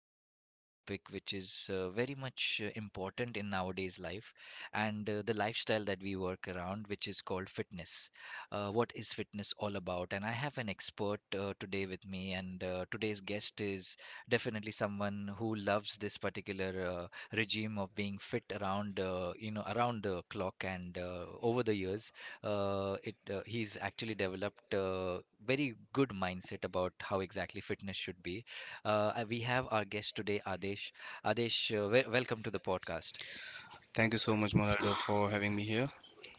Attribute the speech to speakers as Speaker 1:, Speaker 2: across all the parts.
Speaker 1: in regards to the topic, which is very much important in nowadays life, and the lifestyle that we work around, which is called fitness. What is fitness all about? And I have an expert today with me, and today's guest is definitely someone who loves this particular regime of being fit around, around the clock, and over the years it he's actually developed a very good mindset about how exactly fitness should be. And we have our guest today, Adesh. Adesh, welcome to the podcast.
Speaker 2: Thank you so much, Ronaldo, for having me here.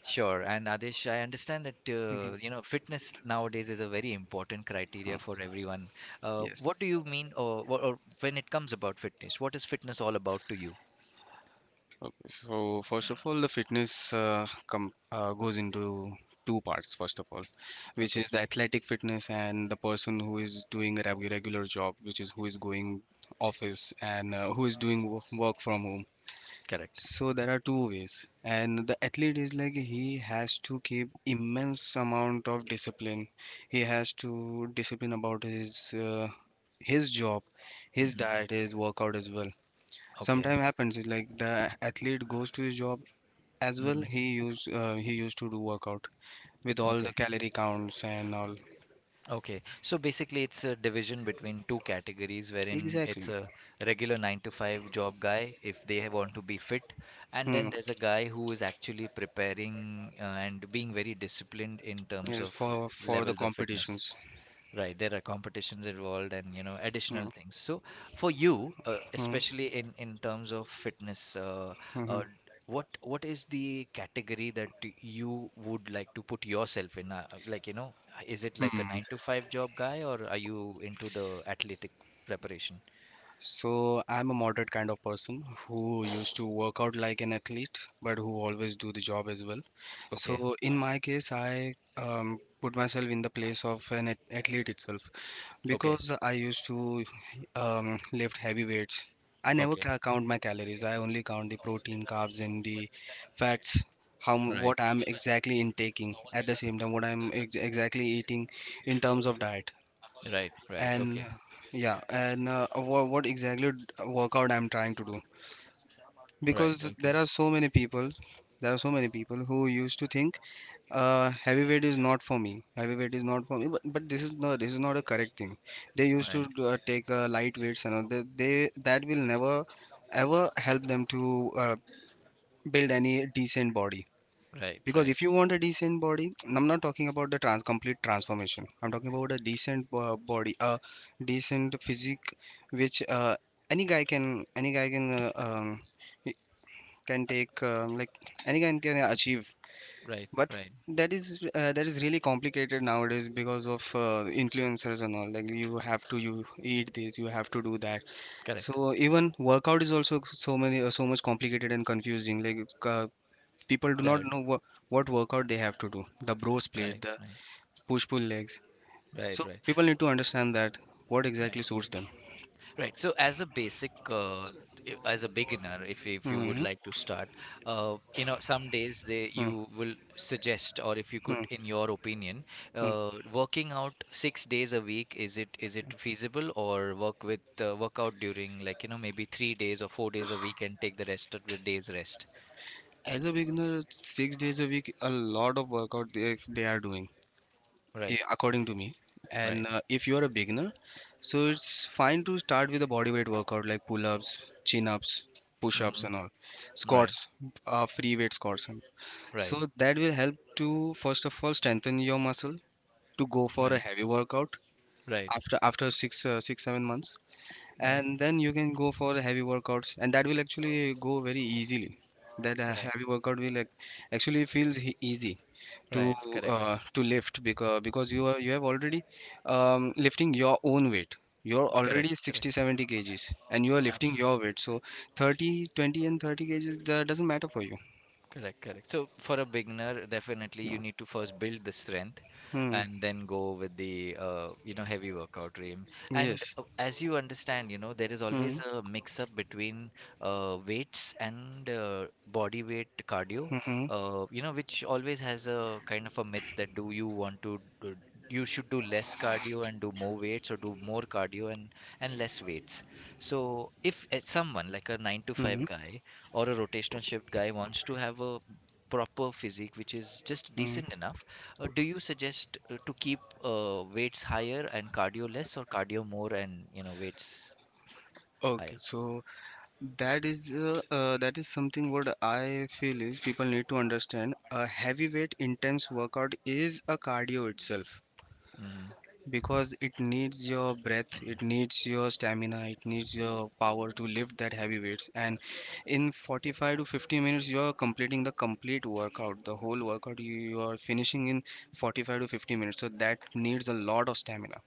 Speaker 1: Sure, and Adesh, I understand that fitness nowadays is a very important
Speaker 2: Hmm,
Speaker 1: criteria for everyone. What
Speaker 2: Yes.
Speaker 1: do you mean, or, or when it comes about fitness, what is fitness all about to you?
Speaker 2: Okay. So first of all, the fitness com goes into two parts. First of all, which is
Speaker 1: Okay,
Speaker 2: the athletic fitness, and the person who is doing a regular job, which is who is going office, and who is doing work from home.
Speaker 1: correct.
Speaker 2: So there are two ways, and the athlete is like, he has to keep immense amount of discipline. He has to discipline about his job, his
Speaker 1: Hmm.
Speaker 2: diet, his workout as well.
Speaker 1: Okay.
Speaker 2: Sometimes happens is like the athlete goes to his job as well.
Speaker 1: Hmm.
Speaker 2: He used to do workout with all the
Speaker 1: Okay.
Speaker 2: calorie counts and all.
Speaker 1: Okay, so basically, it's a division between two categories, wherein it's
Speaker 2: Exactly.
Speaker 1: a regular nine to five job guy if they want to be fit, and
Speaker 2: Hmm.
Speaker 1: then there's a guy who is actually preparing and being very disciplined in terms
Speaker 2: Yes,
Speaker 1: of
Speaker 2: for the
Speaker 1: levels of fitness.
Speaker 2: competitions.
Speaker 1: Right, there are competitions involved, and additional
Speaker 2: Hmm.
Speaker 1: things. So for you,
Speaker 2: Hmm.
Speaker 1: especially in terms of fitness,
Speaker 2: Hmm.
Speaker 1: uh, what is the category that you would like to put yourself in? Like, is it like a
Speaker 2: Hmm.
Speaker 1: nine to five job guy, or are you into the athletic preparation?
Speaker 2: So I'm a moderate kind of person who used to work out like an athlete, but who always do the job as well.
Speaker 1: Okay,
Speaker 2: So in my case, I put myself in the place of an athlete itself,
Speaker 1: okay,
Speaker 2: because I used to lift heavy weights. I never
Speaker 1: okay.
Speaker 2: count my calories. I only count the protein, carbs, and the fats.
Speaker 1: Right,
Speaker 2: What I'm exactly intaking, at the same time, what I'm exactly eating in terms of diet.
Speaker 1: right, right.
Speaker 2: And
Speaker 1: Okay,
Speaker 2: yeah, and what, exactly workout I'm trying to do,
Speaker 1: right,
Speaker 2: because there
Speaker 1: okay,
Speaker 2: are so many people, who used to think, heavyweight is not for me, heavyweight is not for me. But, this is no, this is not a correct thing. They used to
Speaker 1: right,
Speaker 2: take light weights and all. They that will never ever help them to build any decent body,
Speaker 1: right,
Speaker 2: because if
Speaker 1: right,
Speaker 2: you want a decent body, I'm not talking about the trans complete transformation. I'm talking about a decent body, a decent physique, which any guy can, can take like any guy can achieve.
Speaker 1: right,
Speaker 2: But
Speaker 1: right.
Speaker 2: that is really complicated nowadays because of influencers and all. Like, you have to, you eat this, you have to do that.
Speaker 1: Correct.
Speaker 2: So even workout is also so much complicated and confusing. Like, people do not
Speaker 1: Right,
Speaker 2: know what, workout they have to do. The bros split,
Speaker 1: right,
Speaker 2: the
Speaker 1: right,
Speaker 2: push pull legs. So
Speaker 1: right, right,
Speaker 2: people need to understand that what exactly
Speaker 1: right.
Speaker 2: suits them.
Speaker 1: Right. So as a basic, as a beginner, if you would
Speaker 2: Hmm.
Speaker 1: like to start, some days they
Speaker 2: Hmm.
Speaker 1: you will suggest, or if you
Speaker 2: Hmm.
Speaker 1: could, in your opinion,
Speaker 2: Hmm.
Speaker 1: working out 6 days a week, is it feasible, or work out during like, maybe 3 days or 4 days a week, and take the rest of the days rest.
Speaker 2: As a beginner, 6 days a week, a lot of workout, they are doing,
Speaker 1: Right.
Speaker 2: according to me.
Speaker 1: Right.
Speaker 2: And if you are a beginner, so it's fine to start with a body weight workout like pull-ups, chin-ups, push-ups
Speaker 1: Hmm.
Speaker 2: and all,
Speaker 1: Right.
Speaker 2: squats, free weight squats. And
Speaker 1: Right.
Speaker 2: so that will help to first of all strengthen your muscle to go for a
Speaker 1: Right.
Speaker 2: heavy workout.
Speaker 1: Right.
Speaker 2: After 6-7 months,
Speaker 1: Right.
Speaker 2: and then you can go for heavy workouts, and that will actually go very easily. That
Speaker 1: Right.
Speaker 2: heavy workout will actually feels easy to,
Speaker 1: Right. Correct.
Speaker 2: lift. Because you have already lifting your own weight. You're
Speaker 1: Correct.
Speaker 2: already
Speaker 1: Correct.
Speaker 2: 60-70 kgs and you are lifting your
Speaker 1: Absolutely.
Speaker 2: weight, so 30, 20 and 30 kgs, that doesn't matter for you.
Speaker 1: Correct, correct. So for a beginner, definitely you
Speaker 2: No.
Speaker 1: need to first build the strength
Speaker 2: Hmm.
Speaker 1: and then go with the heavy workout regime. And
Speaker 2: Yes.
Speaker 1: uh, as you understand, there is
Speaker 2: Hmm.
Speaker 1: always a mix up between weights and body weight cardio,
Speaker 2: Hmm. Hmm.
Speaker 1: which always has a kind of a myth that, do you want to do, you should do less cardio and do more weights, or do more cardio and less weights. So if someone like a 9 to
Speaker 2: Hmm.
Speaker 1: 5 guy or a rotational shift guy wants to have a proper physique which is just
Speaker 2: Hmm.
Speaker 1: decent enough, do you suggest to keep weights higher and cardio less, or cardio more and weights
Speaker 2: Okay,
Speaker 1: higher?
Speaker 2: so that is, that is something what I feel is, people need to understand. A heavyweight intense workout is a cardio itself,
Speaker 1: Mm,
Speaker 2: because it needs your breath, it needs your stamina, it needs your power to lift that heavy weights. And in 45 to 50 minutes, you are completing the complete workout. The whole workout you are finishing in 45 to 50 minutes. So that needs a lot of stamina.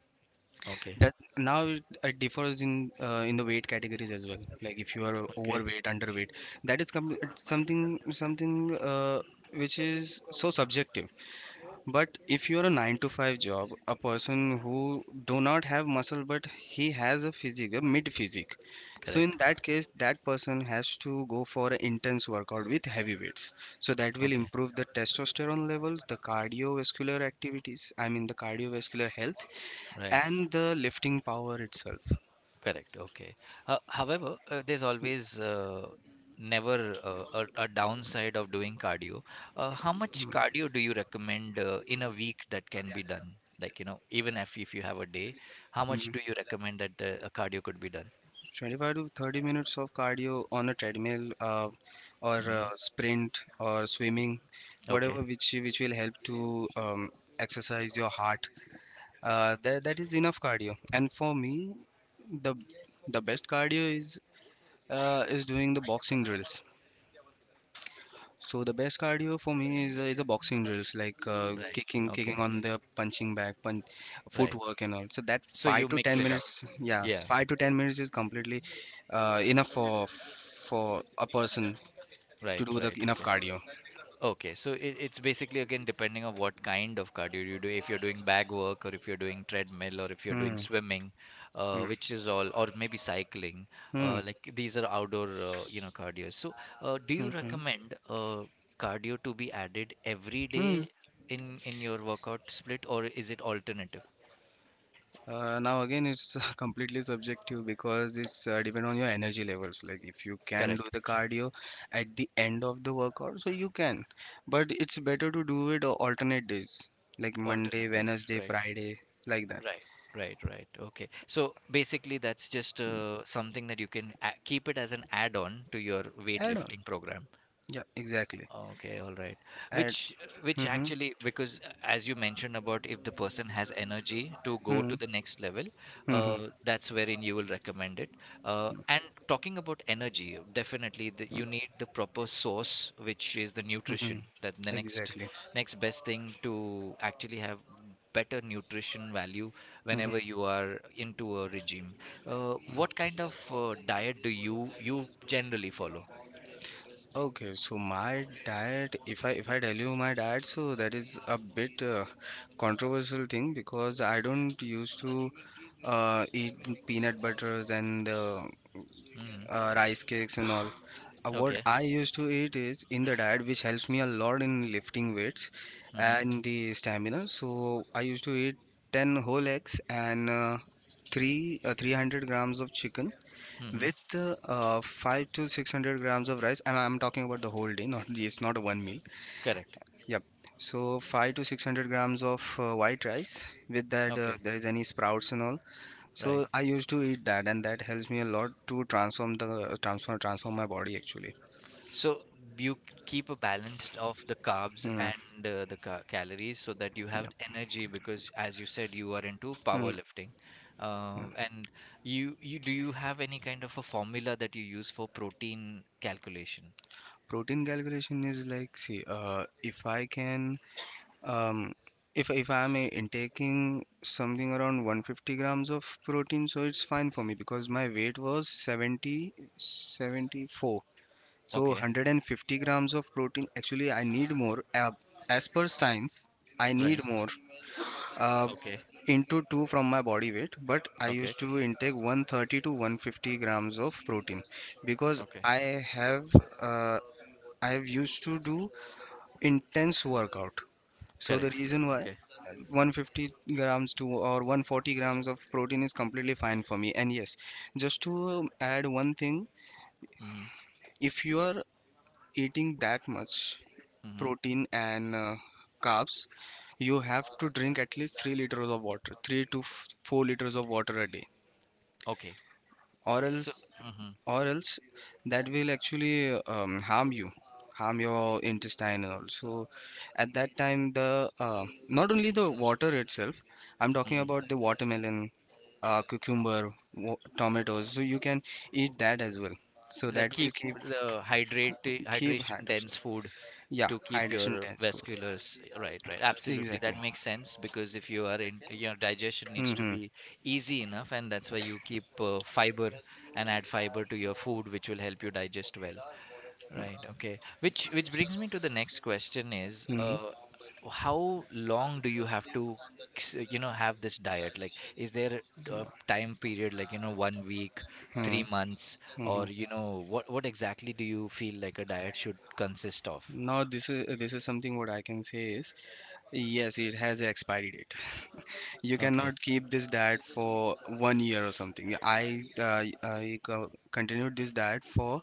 Speaker 1: okay,
Speaker 2: That now it differs in, the weight categories as well. Like if you are
Speaker 1: okay,
Speaker 2: overweight, underweight, that is com it's something, which is so subjective. But if you are a nine to five job, a person who do not have muscle but he has a physique, a mid physique. So
Speaker 1: correct.
Speaker 2: in that case, that person has to go for an intense workout with heavy weights. So that will
Speaker 1: Okay,
Speaker 2: improve the testosterone levels, the cardiovascular activities, I mean the cardiovascular health,
Speaker 1: right.
Speaker 2: and the lifting power itself.
Speaker 1: Correct. Okay. However, there's always, never a downside of doing cardio. How much cardio do you recommend in a week that can be done? Like, even if you have a day, how much
Speaker 2: Mhm.
Speaker 1: do you recommend that the a cardio could be done?
Speaker 2: 25 to 30 minutes of cardio on a treadmill, or
Speaker 1: Hmm.
Speaker 2: sprint or swimming,
Speaker 1: Okay.
Speaker 2: whatever, which will help to exercise your heart. That is enough cardio. And for me, the best cardio is, doing the boxing drills. So the best cardio for me is, a boxing drills like
Speaker 1: Right. Okay.
Speaker 2: kicking on the punching bag, punch,
Speaker 1: Right.
Speaker 2: footwork and all. So that
Speaker 1: So you
Speaker 2: five to
Speaker 1: mix
Speaker 2: ten
Speaker 1: it up.
Speaker 2: minutes, yeah,
Speaker 1: Yeah.
Speaker 2: 5 to 10 minutes is completely enough for a person to
Speaker 1: Right.
Speaker 2: do the
Speaker 1: Right.
Speaker 2: enough
Speaker 1: Okay.
Speaker 2: cardio.
Speaker 1: Okay, so it's basically again depending on what kind of cardio you do. If you're doing bag work, or if you're doing treadmill, or if you're doing
Speaker 2: Hmm.
Speaker 1: swimming,
Speaker 2: Hmm.
Speaker 1: which is all, or maybe cycling,
Speaker 2: Hmm.
Speaker 1: like these are outdoor, cardio. So, do
Speaker 2: Hmm.
Speaker 1: you
Speaker 2: Hmm.
Speaker 1: recommend cardio to be added every
Speaker 2: Hmm.
Speaker 1: day in your workout split, or is it alternative?
Speaker 2: Now again, it's completely subjective, because it's depend on your energy levels. Like if you can do
Speaker 1: Correct,
Speaker 2: the cardio at the end of the workout, so you can. But it's better to do it on alternate days, like Monday,
Speaker 1: alternatives,
Speaker 2: Wednesday,
Speaker 1: right,
Speaker 2: Friday, like that.
Speaker 1: right. Right, right. Okay. So basically, that's just something that you can a keep it as an add-on to your
Speaker 2: Add on.
Speaker 1: weightlifting program.
Speaker 2: Yeah, exactly.
Speaker 1: Okay, all right.
Speaker 2: Add.
Speaker 1: Which which
Speaker 2: Mm-hmm.
Speaker 1: actually, because as you mentioned about, if the person has energy to go to
Speaker 2: Mm-hmm.
Speaker 1: the next level,
Speaker 2: Mm-hmm.
Speaker 1: that's wherein you will recommend it. And talking about energy, definitely you need the proper source, which is the
Speaker 2: Mm-hmm.
Speaker 1: nutrition. That the next
Speaker 2: Exactly.
Speaker 1: next best thing to actually have better nutrition value
Speaker 2: Hmm.
Speaker 1: whenever you are into a regime. What kind of diet do you generally follow?
Speaker 2: Okay, so my diet, if I tell you my diet, so that is a bit controversial thing, because I don't used to eat peanut butters and
Speaker 1: Hmm.
Speaker 2: rice cakes and all. What
Speaker 1: Okay.
Speaker 2: I used to eat is in the diet, which helps me a lot in lifting weights
Speaker 1: Hmm.
Speaker 2: and the stamina. So I used to eat 10 whole eggs and three 300 grams of chicken
Speaker 1: Hmm.
Speaker 2: with five to six hundred grams of rice. And I'm talking about the whole day, not, it's not a one meal.
Speaker 1: Correct.
Speaker 2: Yep. So five to six hundred grams of white rice. With that,
Speaker 1: Okay.
Speaker 2: there is any sprouts and all.
Speaker 1: Right.
Speaker 2: So I used to eat that, and that helps me a lot to transform the, transform my body actually.
Speaker 1: So you keep a balance of the carbs
Speaker 2: Hmm.
Speaker 1: and the ca calories so that you have
Speaker 2: Yeah.
Speaker 1: energy because, as you said, you are into
Speaker 2: Hmm.
Speaker 1: powerlifting. And you, you do you have any kind of a formula that you use for protein calculation?
Speaker 2: Protein calculation is like, see, if I can um if I'm intaking something around 150 grams of protein, so it's fine for me because my weight was 70-74. So
Speaker 1: Okay.
Speaker 2: 150 grams of protein, actually I need more, as per science. I
Speaker 1: Right.
Speaker 2: need more uh,
Speaker 1: Okay.
Speaker 2: into 2 from my body weight, but I
Speaker 1: Okay.
Speaker 2: used to intake 130 to 150 grams of protein, because
Speaker 1: Okay.
Speaker 2: have uh, I have used to do intense workout. So the
Speaker 1: Correct.
Speaker 2: reason why
Speaker 1: Okay.
Speaker 2: 150 grams to, or 140 grams of protein is completely fine for me. And yes, just to add one thing,
Speaker 1: Mm-hmm.
Speaker 2: if you are eating that much
Speaker 1: Mm-hmm.
Speaker 2: protein and carbs, you have to drink at least 3 liters of water, 3 to 4 liters of water a day.
Speaker 1: Okay.
Speaker 2: Or
Speaker 1: So,
Speaker 2: else,
Speaker 1: mm-hmm.
Speaker 2: or else that will actually harm you, harm your intestine and all. So at that time the not only the water itself. I'm talking
Speaker 1: Mm-hmm.
Speaker 2: about the watermelon, cucumber, tomatoes, so you can eat that as well. So
Speaker 1: Like,
Speaker 2: that will
Speaker 1: keep the hydrate
Speaker 2: keep
Speaker 1: hydration
Speaker 2: hydration,
Speaker 1: dense food
Speaker 2: yeah,
Speaker 1: to keep
Speaker 2: hydration
Speaker 1: your
Speaker 2: dense food,
Speaker 1: vasculars right, right, absolutely. That
Speaker 2: exactly.
Speaker 1: makes sense, because if you are in your digestion needs to
Speaker 2: Mm-hmm.
Speaker 1: be easy enough, and that's why you keep fiber and add fiber to your food, which will help you digest well. Right, okay. Which brings me to the next question is,
Speaker 2: Mm-hmm.
Speaker 1: how long do you have to have this diet? Like, is there a time period like, one week,
Speaker 2: Mm-hmm.
Speaker 1: 3 months,
Speaker 2: Mm-hmm.
Speaker 1: or what exactly do you feel like a diet should consist of?
Speaker 2: Now this is something what I can say is, yes, it has an expiry date. You
Speaker 1: Okay.
Speaker 2: cannot keep this diet for one year or something. I continued this diet for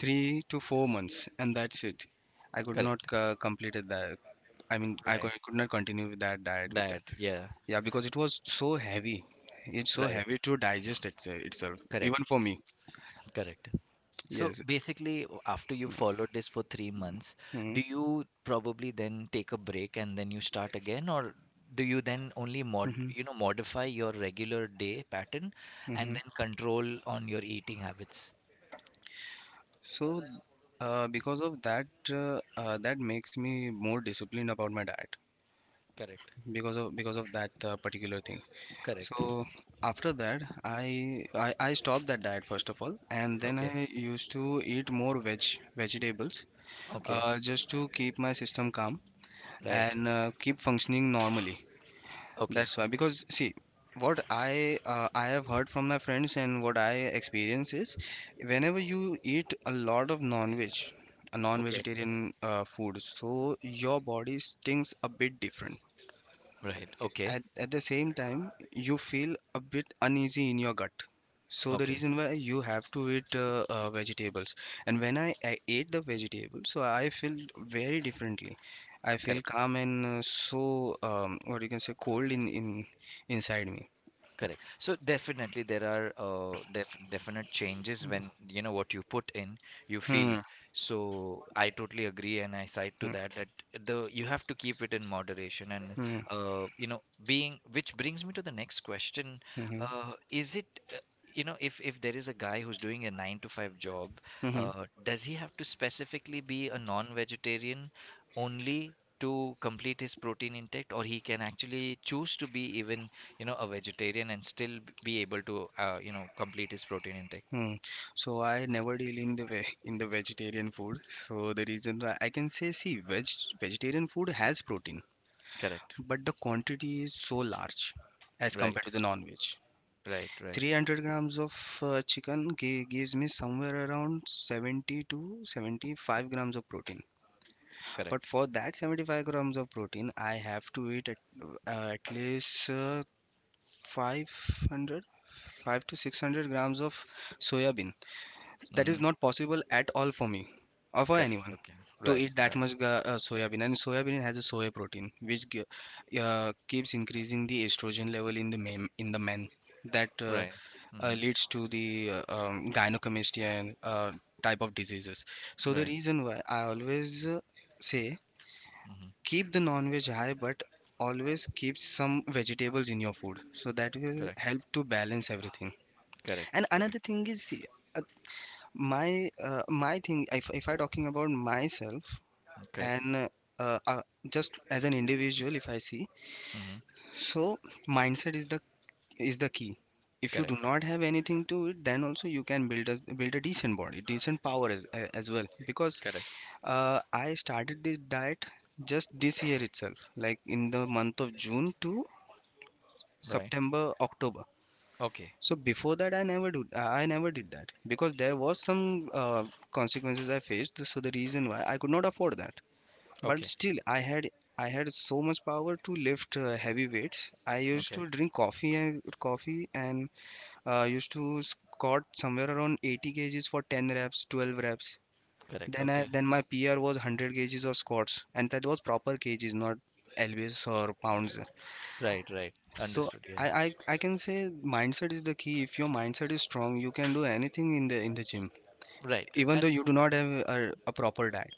Speaker 2: 3 to 4 months, and that's it. I could not
Speaker 1: Correct.
Speaker 2: complete it that. I mean, I
Speaker 1: Right.
Speaker 2: could not continue with that diet with that.
Speaker 1: That, yeah.
Speaker 2: Yeah, because it was so heavy. It's so
Speaker 1: Right.
Speaker 2: heavy to digest it, itself,
Speaker 1: Correct.
Speaker 2: even for me.
Speaker 1: Correct. So
Speaker 2: Yes. Yes.
Speaker 1: basically, after you followed this for 3 months,
Speaker 2: Mm-hmm.
Speaker 1: do you probably then take a break and then you start again, or do you then only
Speaker 2: Mm-hmm.
Speaker 1: modify your regular day pattern and
Speaker 2: Mm-hmm.
Speaker 1: then control on your eating habits?
Speaker 2: So, because of that, that makes me more disciplined about my diet,
Speaker 1: Correct.
Speaker 2: because of that particular thing.
Speaker 1: Correct.
Speaker 2: So after that, I stopped that diet first of all, and then
Speaker 1: Okay.
Speaker 2: I used to eat more vegetables,
Speaker 1: Okay.
Speaker 2: just to keep my system calm
Speaker 1: Right.
Speaker 2: and keep functioning normally.
Speaker 1: Okay.
Speaker 2: That's why. Because see, what I have heard from my friends, and what I experience is, whenever you eat a lot of non-veg, a
Speaker 1: Okay.
Speaker 2: non-vegetarian food, so your body stinks a bit different.
Speaker 1: Right. Okay.
Speaker 2: At the same time you feel a bit uneasy in your gut. So the
Speaker 1: Okay.
Speaker 2: reason why you have to eat vegetables. And when I ate the vegetables, so I feel very differently. I feel
Speaker 1: Correct.
Speaker 2: calm, and so what you can say, cold in, inside me.
Speaker 1: Correct. So definitely there are definite changes. When you know what you put in, you feel.
Speaker 2: Hmm.
Speaker 1: So I totally agree and I side to
Speaker 2: Hmm.
Speaker 1: that, that the you have to keep it in moderation, and
Speaker 2: Hmm.
Speaker 1: being, which brings me to the next question.
Speaker 2: Hmm. Hmm.
Speaker 1: Is it uh, you know If there is a guy who's doing a nine to five job,
Speaker 2: Hmm.
Speaker 1: does he have to specifically be a non-vegetarian only to complete his protein intake, or he can actually choose to be even a vegetarian and still be able to complete his protein intake?
Speaker 2: Hmm. So I never deal in the ve in the vegetarian food. So the reason why I can say, see, vegetarian food has protein,
Speaker 1: Correct.
Speaker 2: but the quantity is so large as compared
Speaker 1: Right,
Speaker 2: to the non-veg.
Speaker 1: right, right,
Speaker 2: 300 grams of chicken gives me somewhere around 70 to 75 grams of protein. But
Speaker 1: correct.
Speaker 2: for that 75 grams of protein, I have to eat at least 500, 5 to 600 grams of soya bean. That
Speaker 1: Mm-hmm.
Speaker 2: is not possible at all for me or for
Speaker 1: Correct,
Speaker 2: anyone
Speaker 1: okay.
Speaker 2: to
Speaker 1: Right,
Speaker 2: eat that
Speaker 1: right,
Speaker 2: much soya bean. And soya bean has a soya protein which keeps increasing the estrogen level in the men that
Speaker 1: right. Mm-hmm.
Speaker 2: leads to the gynecomastia and type of diseases. So the
Speaker 1: Right.
Speaker 2: reason why I always say,
Speaker 1: Mm-hmm.
Speaker 2: keep the non veg high, but always keep some vegetables in your food, so that will
Speaker 1: Correct,
Speaker 2: help to balance everything. And
Speaker 1: correct,
Speaker 2: another
Speaker 1: correct,
Speaker 2: thing is the, my my thing, if I talking about myself.
Speaker 1: okay.
Speaker 2: And uh, uh, just as an individual, if I see,
Speaker 1: Mm-hmm.
Speaker 2: so mindset is the key. If you do
Speaker 1: Correct,
Speaker 2: not have anything to it, then also you can build a decent body, decent power as as well. Because
Speaker 1: correct,
Speaker 2: I started this diet just this year itself, like in the month of June to
Speaker 1: right,
Speaker 2: September, October.
Speaker 1: okay,
Speaker 2: So before that, I never do. I never did that because there was some consequences I faced. So the reason why I could not afford that. But
Speaker 1: okay,
Speaker 2: still, I had so much power to lift heavy weights. I used
Speaker 1: okay,
Speaker 2: to drink coffee and coffee and used to squat somewhere around 80 kgs for 10 reps, 12 reps.
Speaker 1: correct,
Speaker 2: Then I
Speaker 1: okay,
Speaker 2: then my PR was 100 kgs of squats, and that was proper kgs, not lbs or pounds.
Speaker 1: right, right.
Speaker 2: So
Speaker 1: Understood, yeah.
Speaker 2: I can say mindset is the key. If your mindset is strong, you can do anything in the gym,
Speaker 1: Right.
Speaker 2: even
Speaker 1: And
Speaker 2: though you do not have a proper diet.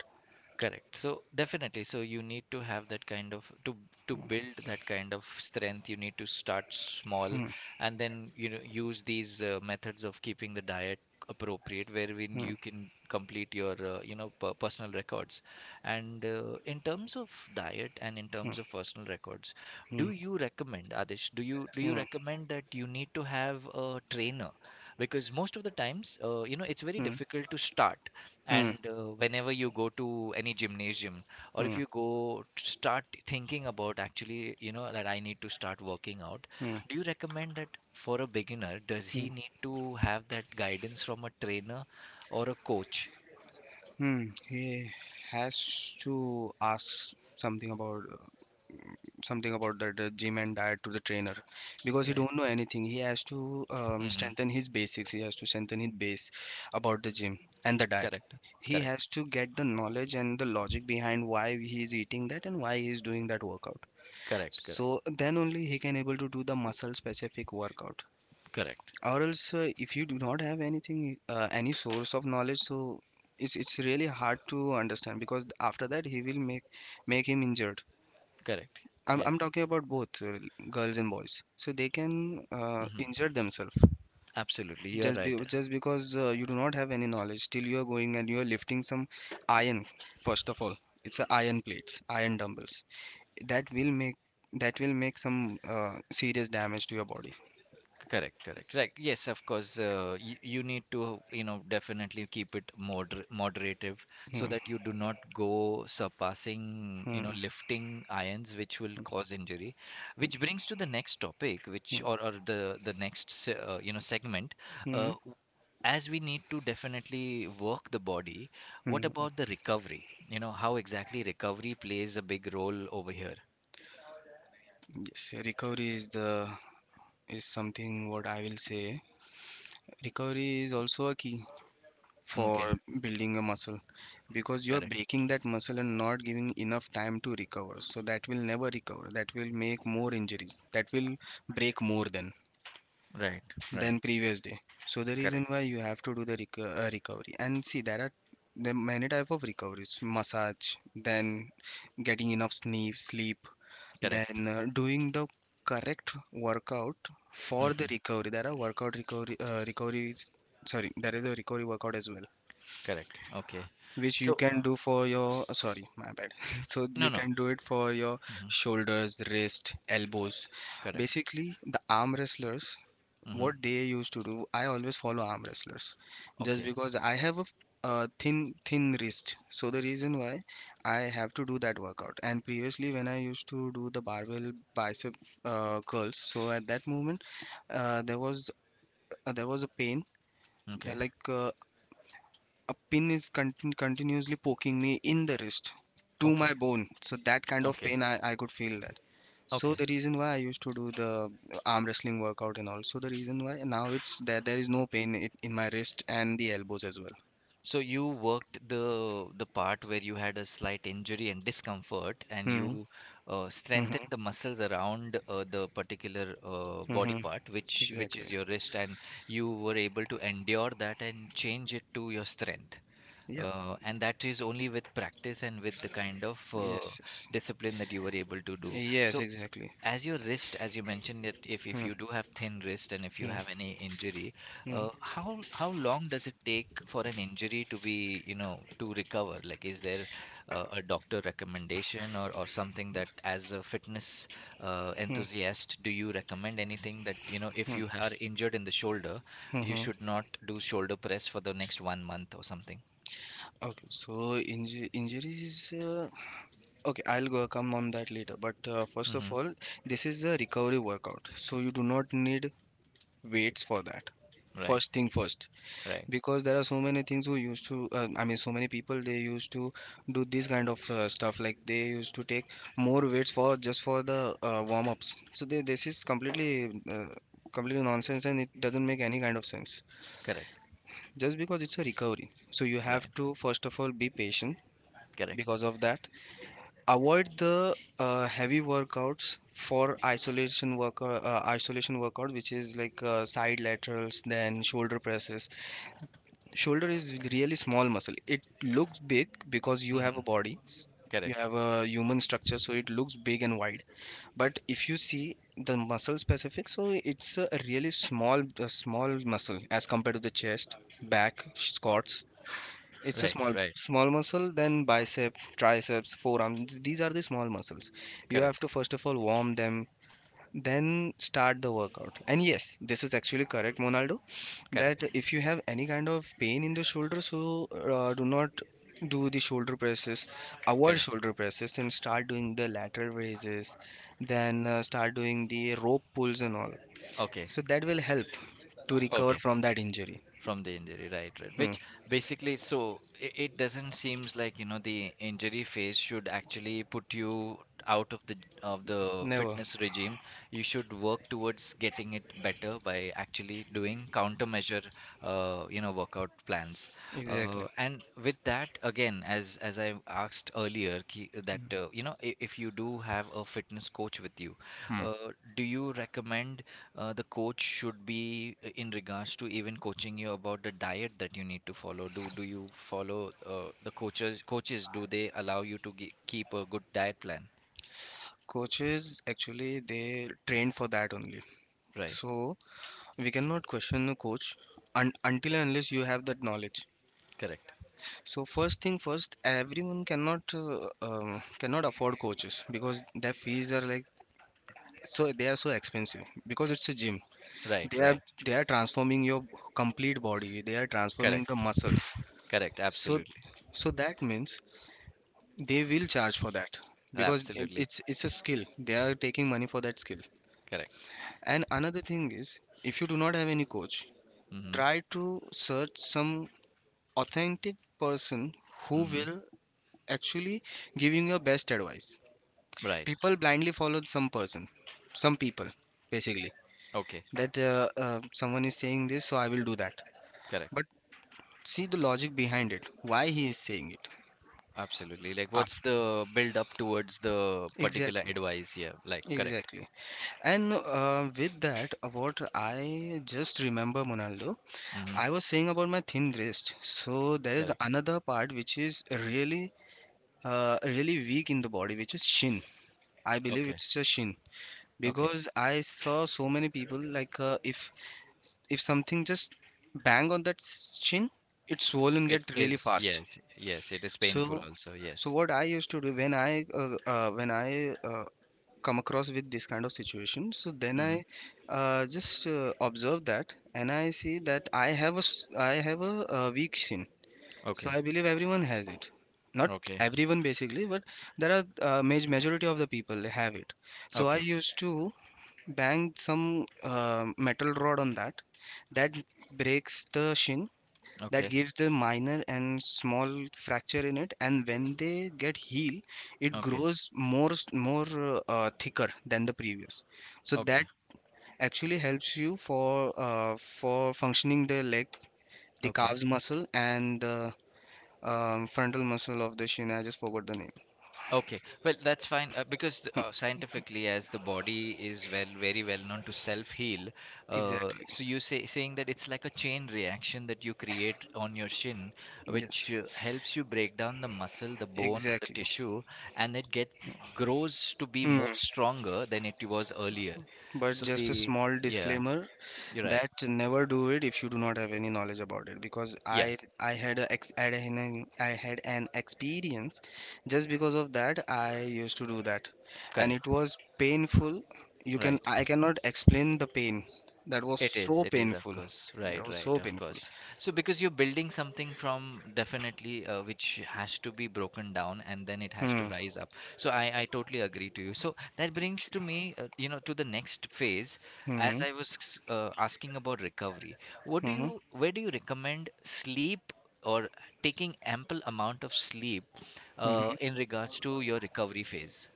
Speaker 1: correct. So definitely, so you need to have that kind of to build that kind of strength. You need to start small,
Speaker 2: Hmm,
Speaker 1: and then use these methods of keeping the diet appropriate, wherein
Speaker 2: hmm,
Speaker 1: you can complete your personal records. And in terms of diet and in
Speaker 2: hmm,
Speaker 1: terms of personal records, do you recommend, Adish? Do you
Speaker 2: hmm,
Speaker 1: recommend that you need to have a trainer? Because most of the times, it's very
Speaker 2: hmm, hmm,
Speaker 1: difficult to start.
Speaker 2: hmm,
Speaker 1: And whenever you go to any gymnasium, or if
Speaker 2: hmm,
Speaker 1: you go to start thinking about, actually, that I need to start working out,
Speaker 2: hmm,
Speaker 1: do you recommend that for a beginner, does
Speaker 2: hmm,
Speaker 1: he need to have that guidance from a trainer or a coach?
Speaker 2: hmm. He has to ask something about that gym and diet to the trainer, because he
Speaker 1: Right.
Speaker 2: don't know anything. He has to
Speaker 1: Mm-hmm.
Speaker 2: strengthen his basics. He has to strengthen his base about the gym and the diet.
Speaker 1: Correct.
Speaker 2: He
Speaker 1: Correct.
Speaker 2: has to get the knowledge and the logic behind why he is eating that and why he is doing that workout,
Speaker 1: Correct. Correct.
Speaker 2: so then only he can able to do the muscle specific workout.
Speaker 1: Correct.
Speaker 2: Or else, if you do not have anything any source of knowledge, so it's really hard to understand, because after that he will make him injured.
Speaker 1: Correct.
Speaker 2: I'm
Speaker 1: Yeah.
Speaker 2: I'm talking about both girls and boys. So they can
Speaker 1: Mm-hmm.
Speaker 2: injure themselves
Speaker 1: Absolutely. You're right.
Speaker 2: just because you do not have any knowledge. Still, you are going and you are lifting some iron. First of all, it's a iron plates, iron dumbbells. That will make that will make some serious damage to your body.
Speaker 1: Correct, correct. Right. Yes, of course. You need to, definitely keep it moderative, so
Speaker 2: Hmm,
Speaker 1: that you do not go surpassing,
Speaker 2: hmm,
Speaker 1: lifting irons, which will cause injury. Which brings to the next topic, which
Speaker 2: hmm,
Speaker 1: or the next, se- segment.
Speaker 2: hmm,
Speaker 1: Uh, w- as we need to definitely work the body, what
Speaker 2: hmm. hmm.
Speaker 1: about the recovery? How exactly recovery plays a big role over here?
Speaker 2: Yes, recovery is the is something what I will say. Recovery is also a key for
Speaker 1: Okay,
Speaker 2: building a muscle, because you're
Speaker 1: correct.
Speaker 2: breaking that muscle and not giving enough time to recover, so that will never recover. That will make more injuries. That will break more
Speaker 1: Right, right.
Speaker 2: than previous day. So the reason
Speaker 1: Correct,
Speaker 2: why you have to do the recovery. And see, there are many type of recoveries: massage, then getting enough sleep,
Speaker 1: correct.
Speaker 2: then doing the correct workout for the
Speaker 1: Mm-hmm.
Speaker 2: recovery. There are workout recovery recoveries, sorry, there is a recovery workout as well,
Speaker 1: Correct. Okay.
Speaker 2: which you
Speaker 1: So,
Speaker 2: can do for your sorry, my bad so you
Speaker 1: no, no.
Speaker 2: can do it for your
Speaker 1: Hmm.
Speaker 2: shoulders, wrist, elbows.
Speaker 1: Correct.
Speaker 2: Basically, the arm wrestlers,
Speaker 1: Hmm.
Speaker 2: what they used to do, I always follow arm wrestlers, just
Speaker 1: Okay.
Speaker 2: because I have a thin wrist, so the reason why I have to do that workout. And previously when I used to do the barbell bicep curls, so at that moment uh, there was there was a pain, that
Speaker 1: Okay.
Speaker 2: like a pin is continuously poking me in the wrist to
Speaker 1: Okay.
Speaker 2: my bone. So that kind of
Speaker 1: Okay.
Speaker 2: pain I could feel that. So
Speaker 1: Okay.
Speaker 2: the reason why I used to do the arm wrestling workout. And also the reason why now it's that there is no pain in my wrist and the elbows as well.
Speaker 1: So you worked the part where you had a slight injury and discomfort, and
Speaker 2: Hmm,
Speaker 1: you
Speaker 2: hmm,
Speaker 1: strengthened the muscles around the particular body
Speaker 2: hmm.
Speaker 1: part, which
Speaker 2: Exactly.
Speaker 1: is your wrist, and you were able to endure that and change it to your strength.
Speaker 2: Yeah.
Speaker 1: And that is only with practice and with the kind of
Speaker 2: Yes. Yes.
Speaker 1: discipline that you were able to do.
Speaker 2: Yes.
Speaker 1: So,
Speaker 2: Exactly.
Speaker 1: as your wrist, as you mentioned it, if
Speaker 2: Hmm.
Speaker 1: you do have thin wrist and if you
Speaker 2: Hmm.
Speaker 1: have any injury,
Speaker 2: Hmm.
Speaker 1: how long does it take for an injury to be, to recover? Like, is there a doctor recommendation, or something, that as a fitness
Speaker 2: Hmm.
Speaker 1: enthusiast, do you recommend anything that, if you are injured in the shoulder,
Speaker 2: Hmm.
Speaker 1: you
Speaker 2: hmm.
Speaker 1: should not do shoulder press for the next one month or something?
Speaker 2: Okay. So injuries. Okay, I'll go come on that later. But first of
Speaker 1: Mm-hmm.
Speaker 2: all, this is a recovery workout, so you do not need weights for that.
Speaker 1: Right,
Speaker 2: First thing first,
Speaker 1: right,
Speaker 2: because there are so many things who used to, I mean, so many people they used to do this kind of stuff. Like they used to take more weights for just for the warm ups. So they, this is completely, completely nonsense, and it doesn't make any kind of sense.
Speaker 1: correct,
Speaker 2: Just because it's a recovery, so you have
Speaker 1: right,
Speaker 2: to first of all be patient.
Speaker 1: correct,
Speaker 2: Because of that, avoid the heavy workouts for isolation work isolation workout, which is like side laterals, then shoulder presses. Shoulder is really small muscle. It looks big because you have
Speaker 1: mm-hmm,
Speaker 2: a you
Speaker 1: correct,
Speaker 2: have a human structure, so it looks big and wide. But if you see the muscle specific, so it's a really small muscle as compared to the chest, back squats. It's a
Speaker 1: right, right,
Speaker 2: small muscle, then bicep, triceps, forearm. These are the small muscles. You have
Speaker 1: correct,
Speaker 2: to first of all warm them, then start the workout. And yes, this is actually correct, Monaldo, that
Speaker 1: correct,
Speaker 2: if you have any kind of pain in the shoulder, so do not do the shoulder presses, avoid
Speaker 1: correct.
Speaker 2: shoulder presses, and start doing the lateral raises, then start doing the rope pulls and all.
Speaker 1: Okay,
Speaker 2: So that will help to recover
Speaker 1: okay.
Speaker 2: from that injury.
Speaker 1: From the injury, right, right.
Speaker 2: Hmm.
Speaker 1: Which basically, so it doesn't seems like, the injury phase should actually put you out of the
Speaker 2: Never.
Speaker 1: fitness regime. You should work towards getting it better by actually doing countermeasure, you know, workout plans.
Speaker 2: Exactly.
Speaker 1: And with that, again, as I asked earlier, ki, that you know, if you do have a fitness coach with you, do you recommend? The coach should be in regards to even coaching you about the diet that you need to follow. Do you follow the coaches? Coaches, do they allow you to ge keep a good diet plan?
Speaker 2: Coaches actually they train for that only.
Speaker 1: Right.
Speaker 2: So we cannot question the coach un until and unless you have that knowledge.
Speaker 1: Correct.
Speaker 2: So first thing first, everyone cannot cannot afford coaches, because their fees are like, so they are so expensive because it's a gym.
Speaker 1: Right.
Speaker 2: They are
Speaker 1: Right.
Speaker 2: they are transforming your complete body. They are transforming
Speaker 1: Correct.
Speaker 2: the muscles.
Speaker 1: Correct.
Speaker 2: So
Speaker 1: Absolutely.
Speaker 2: so that means they will charge for that, because
Speaker 1: Absolutely.
Speaker 2: it's a skill. They are taking money for that skill.
Speaker 1: Correct.
Speaker 2: And another thing is, if you do not have any coach,
Speaker 1: Mm-hmm.
Speaker 2: try to search some authentic person who
Speaker 1: Mm-hmm.
Speaker 2: will actually giving your best advice.
Speaker 1: Right.
Speaker 2: People blindly follow some person, some people, basically.
Speaker 1: Okay.
Speaker 2: That someone is saying this, so I will do that.
Speaker 1: Correct.
Speaker 2: But see the logic behind it. Why he is saying it?
Speaker 1: Absolutely. Like,
Speaker 2: Ah,
Speaker 1: what's the build up towards the particular
Speaker 2: exactly,
Speaker 1: advice? Yeah. Like, correct.
Speaker 2: exactly. And with that, what I just remember, Monaldo,
Speaker 1: Mm-hmm.
Speaker 2: I was saying about my thin wrist. So there is
Speaker 1: Correct.
Speaker 2: another part which is really, really weak in the body, which is shin. I believe
Speaker 1: Okay.
Speaker 2: it's a shin,
Speaker 1: Okay.
Speaker 2: because I saw so many people like if something just bang on that shin, it's swollen
Speaker 1: It
Speaker 2: get really
Speaker 1: is.
Speaker 2: fast.
Speaker 1: Yes. Yes. It is painful
Speaker 2: So
Speaker 1: also.
Speaker 2: so
Speaker 1: Yes.
Speaker 2: what I used to do, when I come across with this kind of situation, so then
Speaker 1: Mhm.
Speaker 2: I just observe that, and I see that I have I have a, weak shin, so
Speaker 1: Okay,
Speaker 2: I believe everyone has it. Not
Speaker 1: okay,
Speaker 2: everyone basically, but there are majority of the people have it. So I
Speaker 1: okay,
Speaker 2: used to bang some metal rod on that. That breaks the shin. That
Speaker 1: okay,
Speaker 2: gives the minor and small fracture in it. And when they get healed, it
Speaker 1: okay,
Speaker 2: grows more thicker than the previous. So
Speaker 1: okay,
Speaker 2: that actually helps you for functioning the leg, the
Speaker 1: okay,
Speaker 2: calves muscle, and the frontal muscle of the shin. I just forgot the name.
Speaker 1: okay. Well, that's fine because scientifically, as the body is well, very well known to self-heal. Uh,
Speaker 2: Exactly.
Speaker 1: so you say saying that it's like a chain reaction that you create on your shin, which
Speaker 2: Yes.
Speaker 1: helps you break down the muscle, the bone, the
Speaker 2: Exactly.
Speaker 1: tissue, and it get grows to be
Speaker 2: Hmm.
Speaker 1: more stronger than it was earlier.
Speaker 2: But
Speaker 1: So
Speaker 2: just a
Speaker 1: the
Speaker 2: small
Speaker 1: yeah,
Speaker 2: disclaimer
Speaker 1: you're right.
Speaker 2: that never do it if you do not have any knowledge about it. Because
Speaker 1: Yeah,
Speaker 2: I had a ex I had an experience, just because of that I used to do that, and it
Speaker 1: correct.
Speaker 2: was painful. You can
Speaker 1: Right.
Speaker 2: I cannot explain the pain. That was so
Speaker 1: It is, of
Speaker 2: painful.
Speaker 1: course.
Speaker 2: That
Speaker 1: Right,
Speaker 2: was
Speaker 1: right,
Speaker 2: so
Speaker 1: of
Speaker 2: painful.
Speaker 1: course. So, because you're building something from definitely which has to be broken down and then it has to
Speaker 2: Hmm.
Speaker 1: rise up. So, I totally agree to you. So, that
Speaker 2: Thank
Speaker 1: brings to
Speaker 2: you.
Speaker 1: me, you know, to the next phase.
Speaker 2: Hmm.
Speaker 1: As I was asking about recovery, what do
Speaker 2: Hmm.
Speaker 1: you, where do you recommend sleep or taking ample amount of sleep
Speaker 2: Hmm.
Speaker 1: in regards to your recovery phase?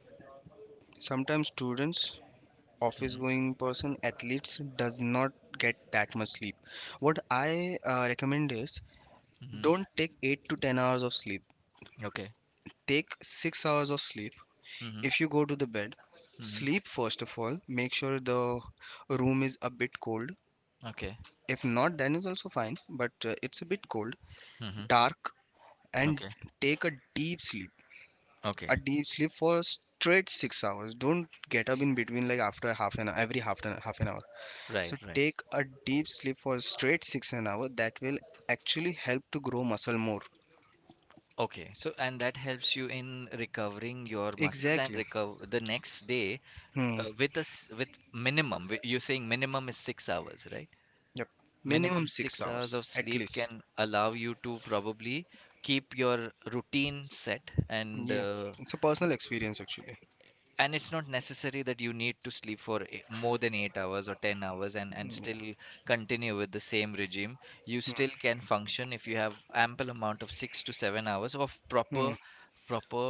Speaker 2: Sometimes students, office
Speaker 1: Mm-hmm,
Speaker 2: going person, athletes does not get that much sleep. What I recommend is,
Speaker 1: mm-hmm.
Speaker 2: don't take 8 to 10 hours of sleep.
Speaker 1: Okay.
Speaker 2: Take 6 hours of sleep.
Speaker 1: Mm-hmm,
Speaker 2: If you go to the bed,
Speaker 1: mm-hmm.
Speaker 2: sleep first of all. Make sure the room is a bit cold.
Speaker 1: Okay.
Speaker 2: If not, then is also fine, but it's a bit cold,
Speaker 1: Mm-hmm.
Speaker 2: dark, and
Speaker 1: Okay.
Speaker 2: take a deep sleep.
Speaker 1: Okay.
Speaker 2: A deep sleep for straight 6 hours. Don't get up in between, like after half an hour, every half an hour. So
Speaker 1: Right, right.
Speaker 2: take a deep sleep for straight six an hour, that will actually help to grow muscle more.
Speaker 1: Okay, so and that helps you in recovering your muscles and
Speaker 2: Exactly.
Speaker 1: recover the next day
Speaker 2: Hmm.
Speaker 1: with us with minimum. Wi- You're saying minimum is 6 hours, right?
Speaker 2: Yep. Minimum
Speaker 1: Minimum
Speaker 2: six
Speaker 1: 6 hours
Speaker 2: hours
Speaker 1: of
Speaker 2: at
Speaker 1: sleep
Speaker 2: least.
Speaker 1: can allow you to probably keep your routine set and
Speaker 2: Yes.
Speaker 1: uh,
Speaker 2: It's a personal experience actually.
Speaker 1: and it's not necessary that you need to sleep for more than 8 hours or 10 hours and still continue with the same regime. You
Speaker 2: Hmm.
Speaker 1: still can function if you have ample amount of 6 to 7 hours of
Speaker 2: Hmm.
Speaker 1: proper proper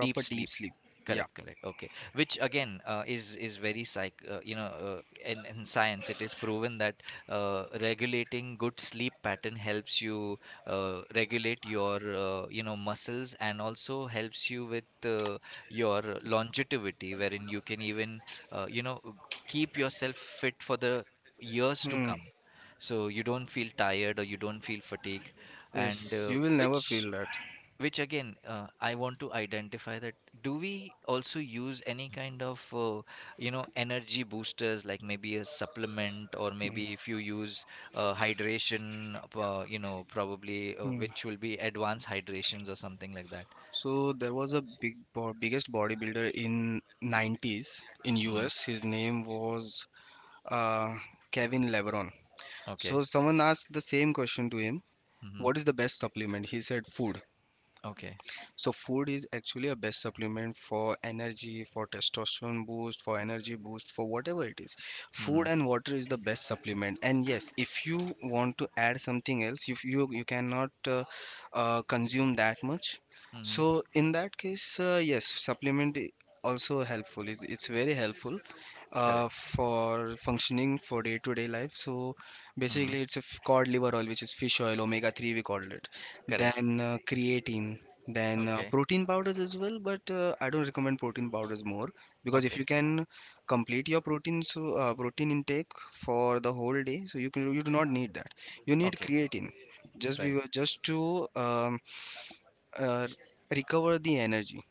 Speaker 1: deep
Speaker 2: deep
Speaker 1: sleep.
Speaker 2: sleep. Yeah.
Speaker 1: Correct, correct, okay, which again, is very psych you know, in science it is proven that regulating good sleep pattern helps you regulate your you know muscles and also helps you with your longevity wherein you can even you know keep yourself fit for the years to
Speaker 2: Hmm.
Speaker 1: come, so you don't feel tired or you don't feel fatigue. And
Speaker 2: Yes. You will never
Speaker 1: which
Speaker 2: feel that.
Speaker 1: which again, I want to identify that do we also use any kind of, you know, energy boosters like maybe a supplement or maybe if you use hydration, you know, probably
Speaker 2: Hmm.
Speaker 1: which will be advanced hydrations or something like that.
Speaker 2: So there was a biggest bodybuilder in 90s in
Speaker 1: Hmm.
Speaker 2: US. His name was uh, Kevin Lebron.
Speaker 1: Okay.
Speaker 2: So someone asked the same question to him,
Speaker 1: Hmm.
Speaker 2: what is the best supplement? He said food.
Speaker 1: Okay.
Speaker 2: So food is actually a best supplement for energy, for testosterone boost, for energy boost, for whatever it is.
Speaker 1: Hmm.
Speaker 2: Food and water is the best supplement. And yes, if you want to add something else, if you you cannot uh, consume that much.
Speaker 1: Hmm.
Speaker 2: So in that case, yes, supplement i- also helpful. It's very helpful
Speaker 1: Correct.
Speaker 2: for functioning for day-to-day life. So
Speaker 1: Hmm.
Speaker 2: basically, it's a cod liver oil, which is fish oil, omega-3 we called it.
Speaker 1: Correct.
Speaker 2: Then creatine. Then
Speaker 1: Okay.
Speaker 2: protein powders as well, but I don't recommend protein powders more, because if
Speaker 1: Okay.
Speaker 2: you can complete your protein, so protein intake for the whole day, so you do not need that. You need
Speaker 1: Okay.
Speaker 2: creatine
Speaker 1: Right.
Speaker 2: just to uh, recover the energy.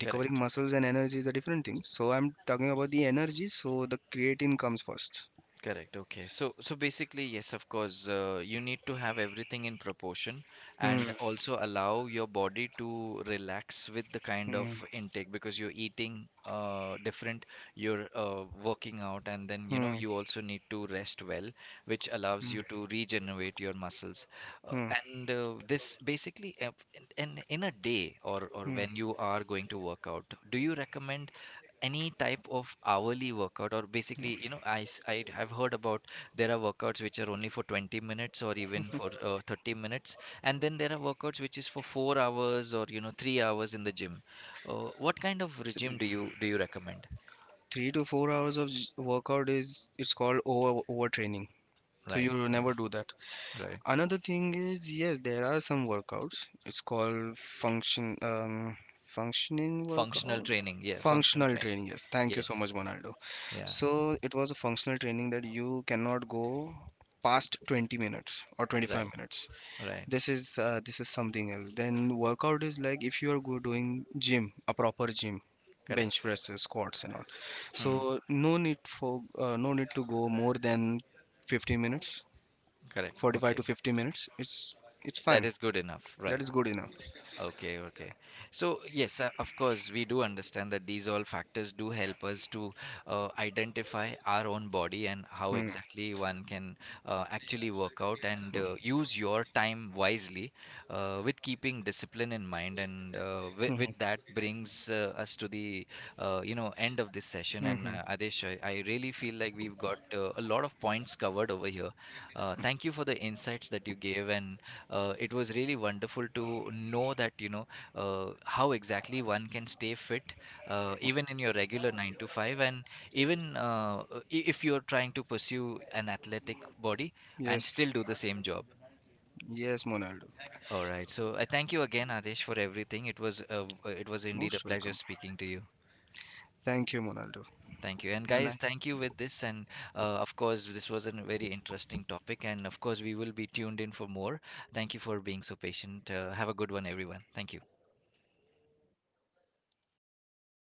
Speaker 2: Recovering
Speaker 1: Correct.
Speaker 2: muscles and energy is a different thing. So I'm talking about the energy, so the creatine comes first.
Speaker 1: Correct. Okay. So, so basically, yes, of course, you need to have everything in proportion and
Speaker 2: Hmm.
Speaker 1: also allow your body to relax with the kind of
Speaker 2: Hmm.
Speaker 1: intake because you're eating different, you're working out, and then you know
Speaker 2: Hmm.
Speaker 1: you also need to rest well, which allows
Speaker 2: Hmm.
Speaker 1: you to regenerate your muscles. Uh,
Speaker 2: Hmm.
Speaker 1: and this basically, in, in a day or
Speaker 2: hmm.
Speaker 1: when you are going to work out, do you recommend any type of hourly workout? Or basically you know I have heard about there are workouts which are only for 20 minutes or even for 30 minutes, and then there are workouts which is for 4 hours or you know 3 hours in the gym. What kind of regime
Speaker 2: Three,
Speaker 1: do you recommend?
Speaker 2: 3 to 4 hours of workout is it's called over overtraining. So
Speaker 1: Right,
Speaker 2: you'll
Speaker 1: okay,
Speaker 2: never do that.
Speaker 1: right,
Speaker 2: Another thing is, yes, there are some workouts. It's called functioning
Speaker 1: functional
Speaker 2: workout,
Speaker 1: training, yeah, functional
Speaker 2: functional
Speaker 1: training,
Speaker 2: training. Yes, thank you so
Speaker 1: yes,
Speaker 2: much, Ronaldo.
Speaker 1: yeah,
Speaker 2: So it was a functional training that you cannot go past 20 minutes or 25
Speaker 1: right,
Speaker 2: minutes.
Speaker 1: right,
Speaker 2: This is something else. Then workout is like if you are go doing gym, a proper gym,
Speaker 1: correct,
Speaker 2: bench presses, squats, and all.
Speaker 1: hmm,
Speaker 2: So no need for no need to go more than 15 minutes,
Speaker 1: correct,
Speaker 2: 45
Speaker 1: okay,
Speaker 2: to 50 minutes, it's fine,
Speaker 1: that is good enough,
Speaker 2: that
Speaker 1: right.
Speaker 2: is good enough.
Speaker 1: Okay, okay. So, yes, of course, we do understand that these all factors do help us to identify our own body and how
Speaker 2: Hmm.
Speaker 1: exactly one can actually work out and use your time wisely with keeping discipline in mind. And
Speaker 2: Mhm.
Speaker 1: with that brings us to the you know end of this session. And
Speaker 2: Mhm.
Speaker 1: Adesh, I really feel like we've got a lot of points covered over here. Thank you for the insights that you gave, and it was really wonderful to know that, you know, how exactly one can stay fit, even in your regular 9 to 5, and even if you're trying to pursue an athletic body and
Speaker 2: Yes.
Speaker 1: still do the same job.
Speaker 2: Yes, Ronaldo.
Speaker 1: All right. So I thank you again, Adesh, for everything. It was it was indeed a
Speaker 2: Most
Speaker 1: pleasure
Speaker 2: welcome.
Speaker 1: speaking to you.
Speaker 2: Thank you, Ronaldo.
Speaker 1: Thank you. And
Speaker 2: Have a
Speaker 1: guys,
Speaker 2: nice
Speaker 1: thank you with this. And of course, this was a very interesting topic. And of course, we will be tuned in for more. Thank you for being so patient. Have a good one, everyone. Thank you.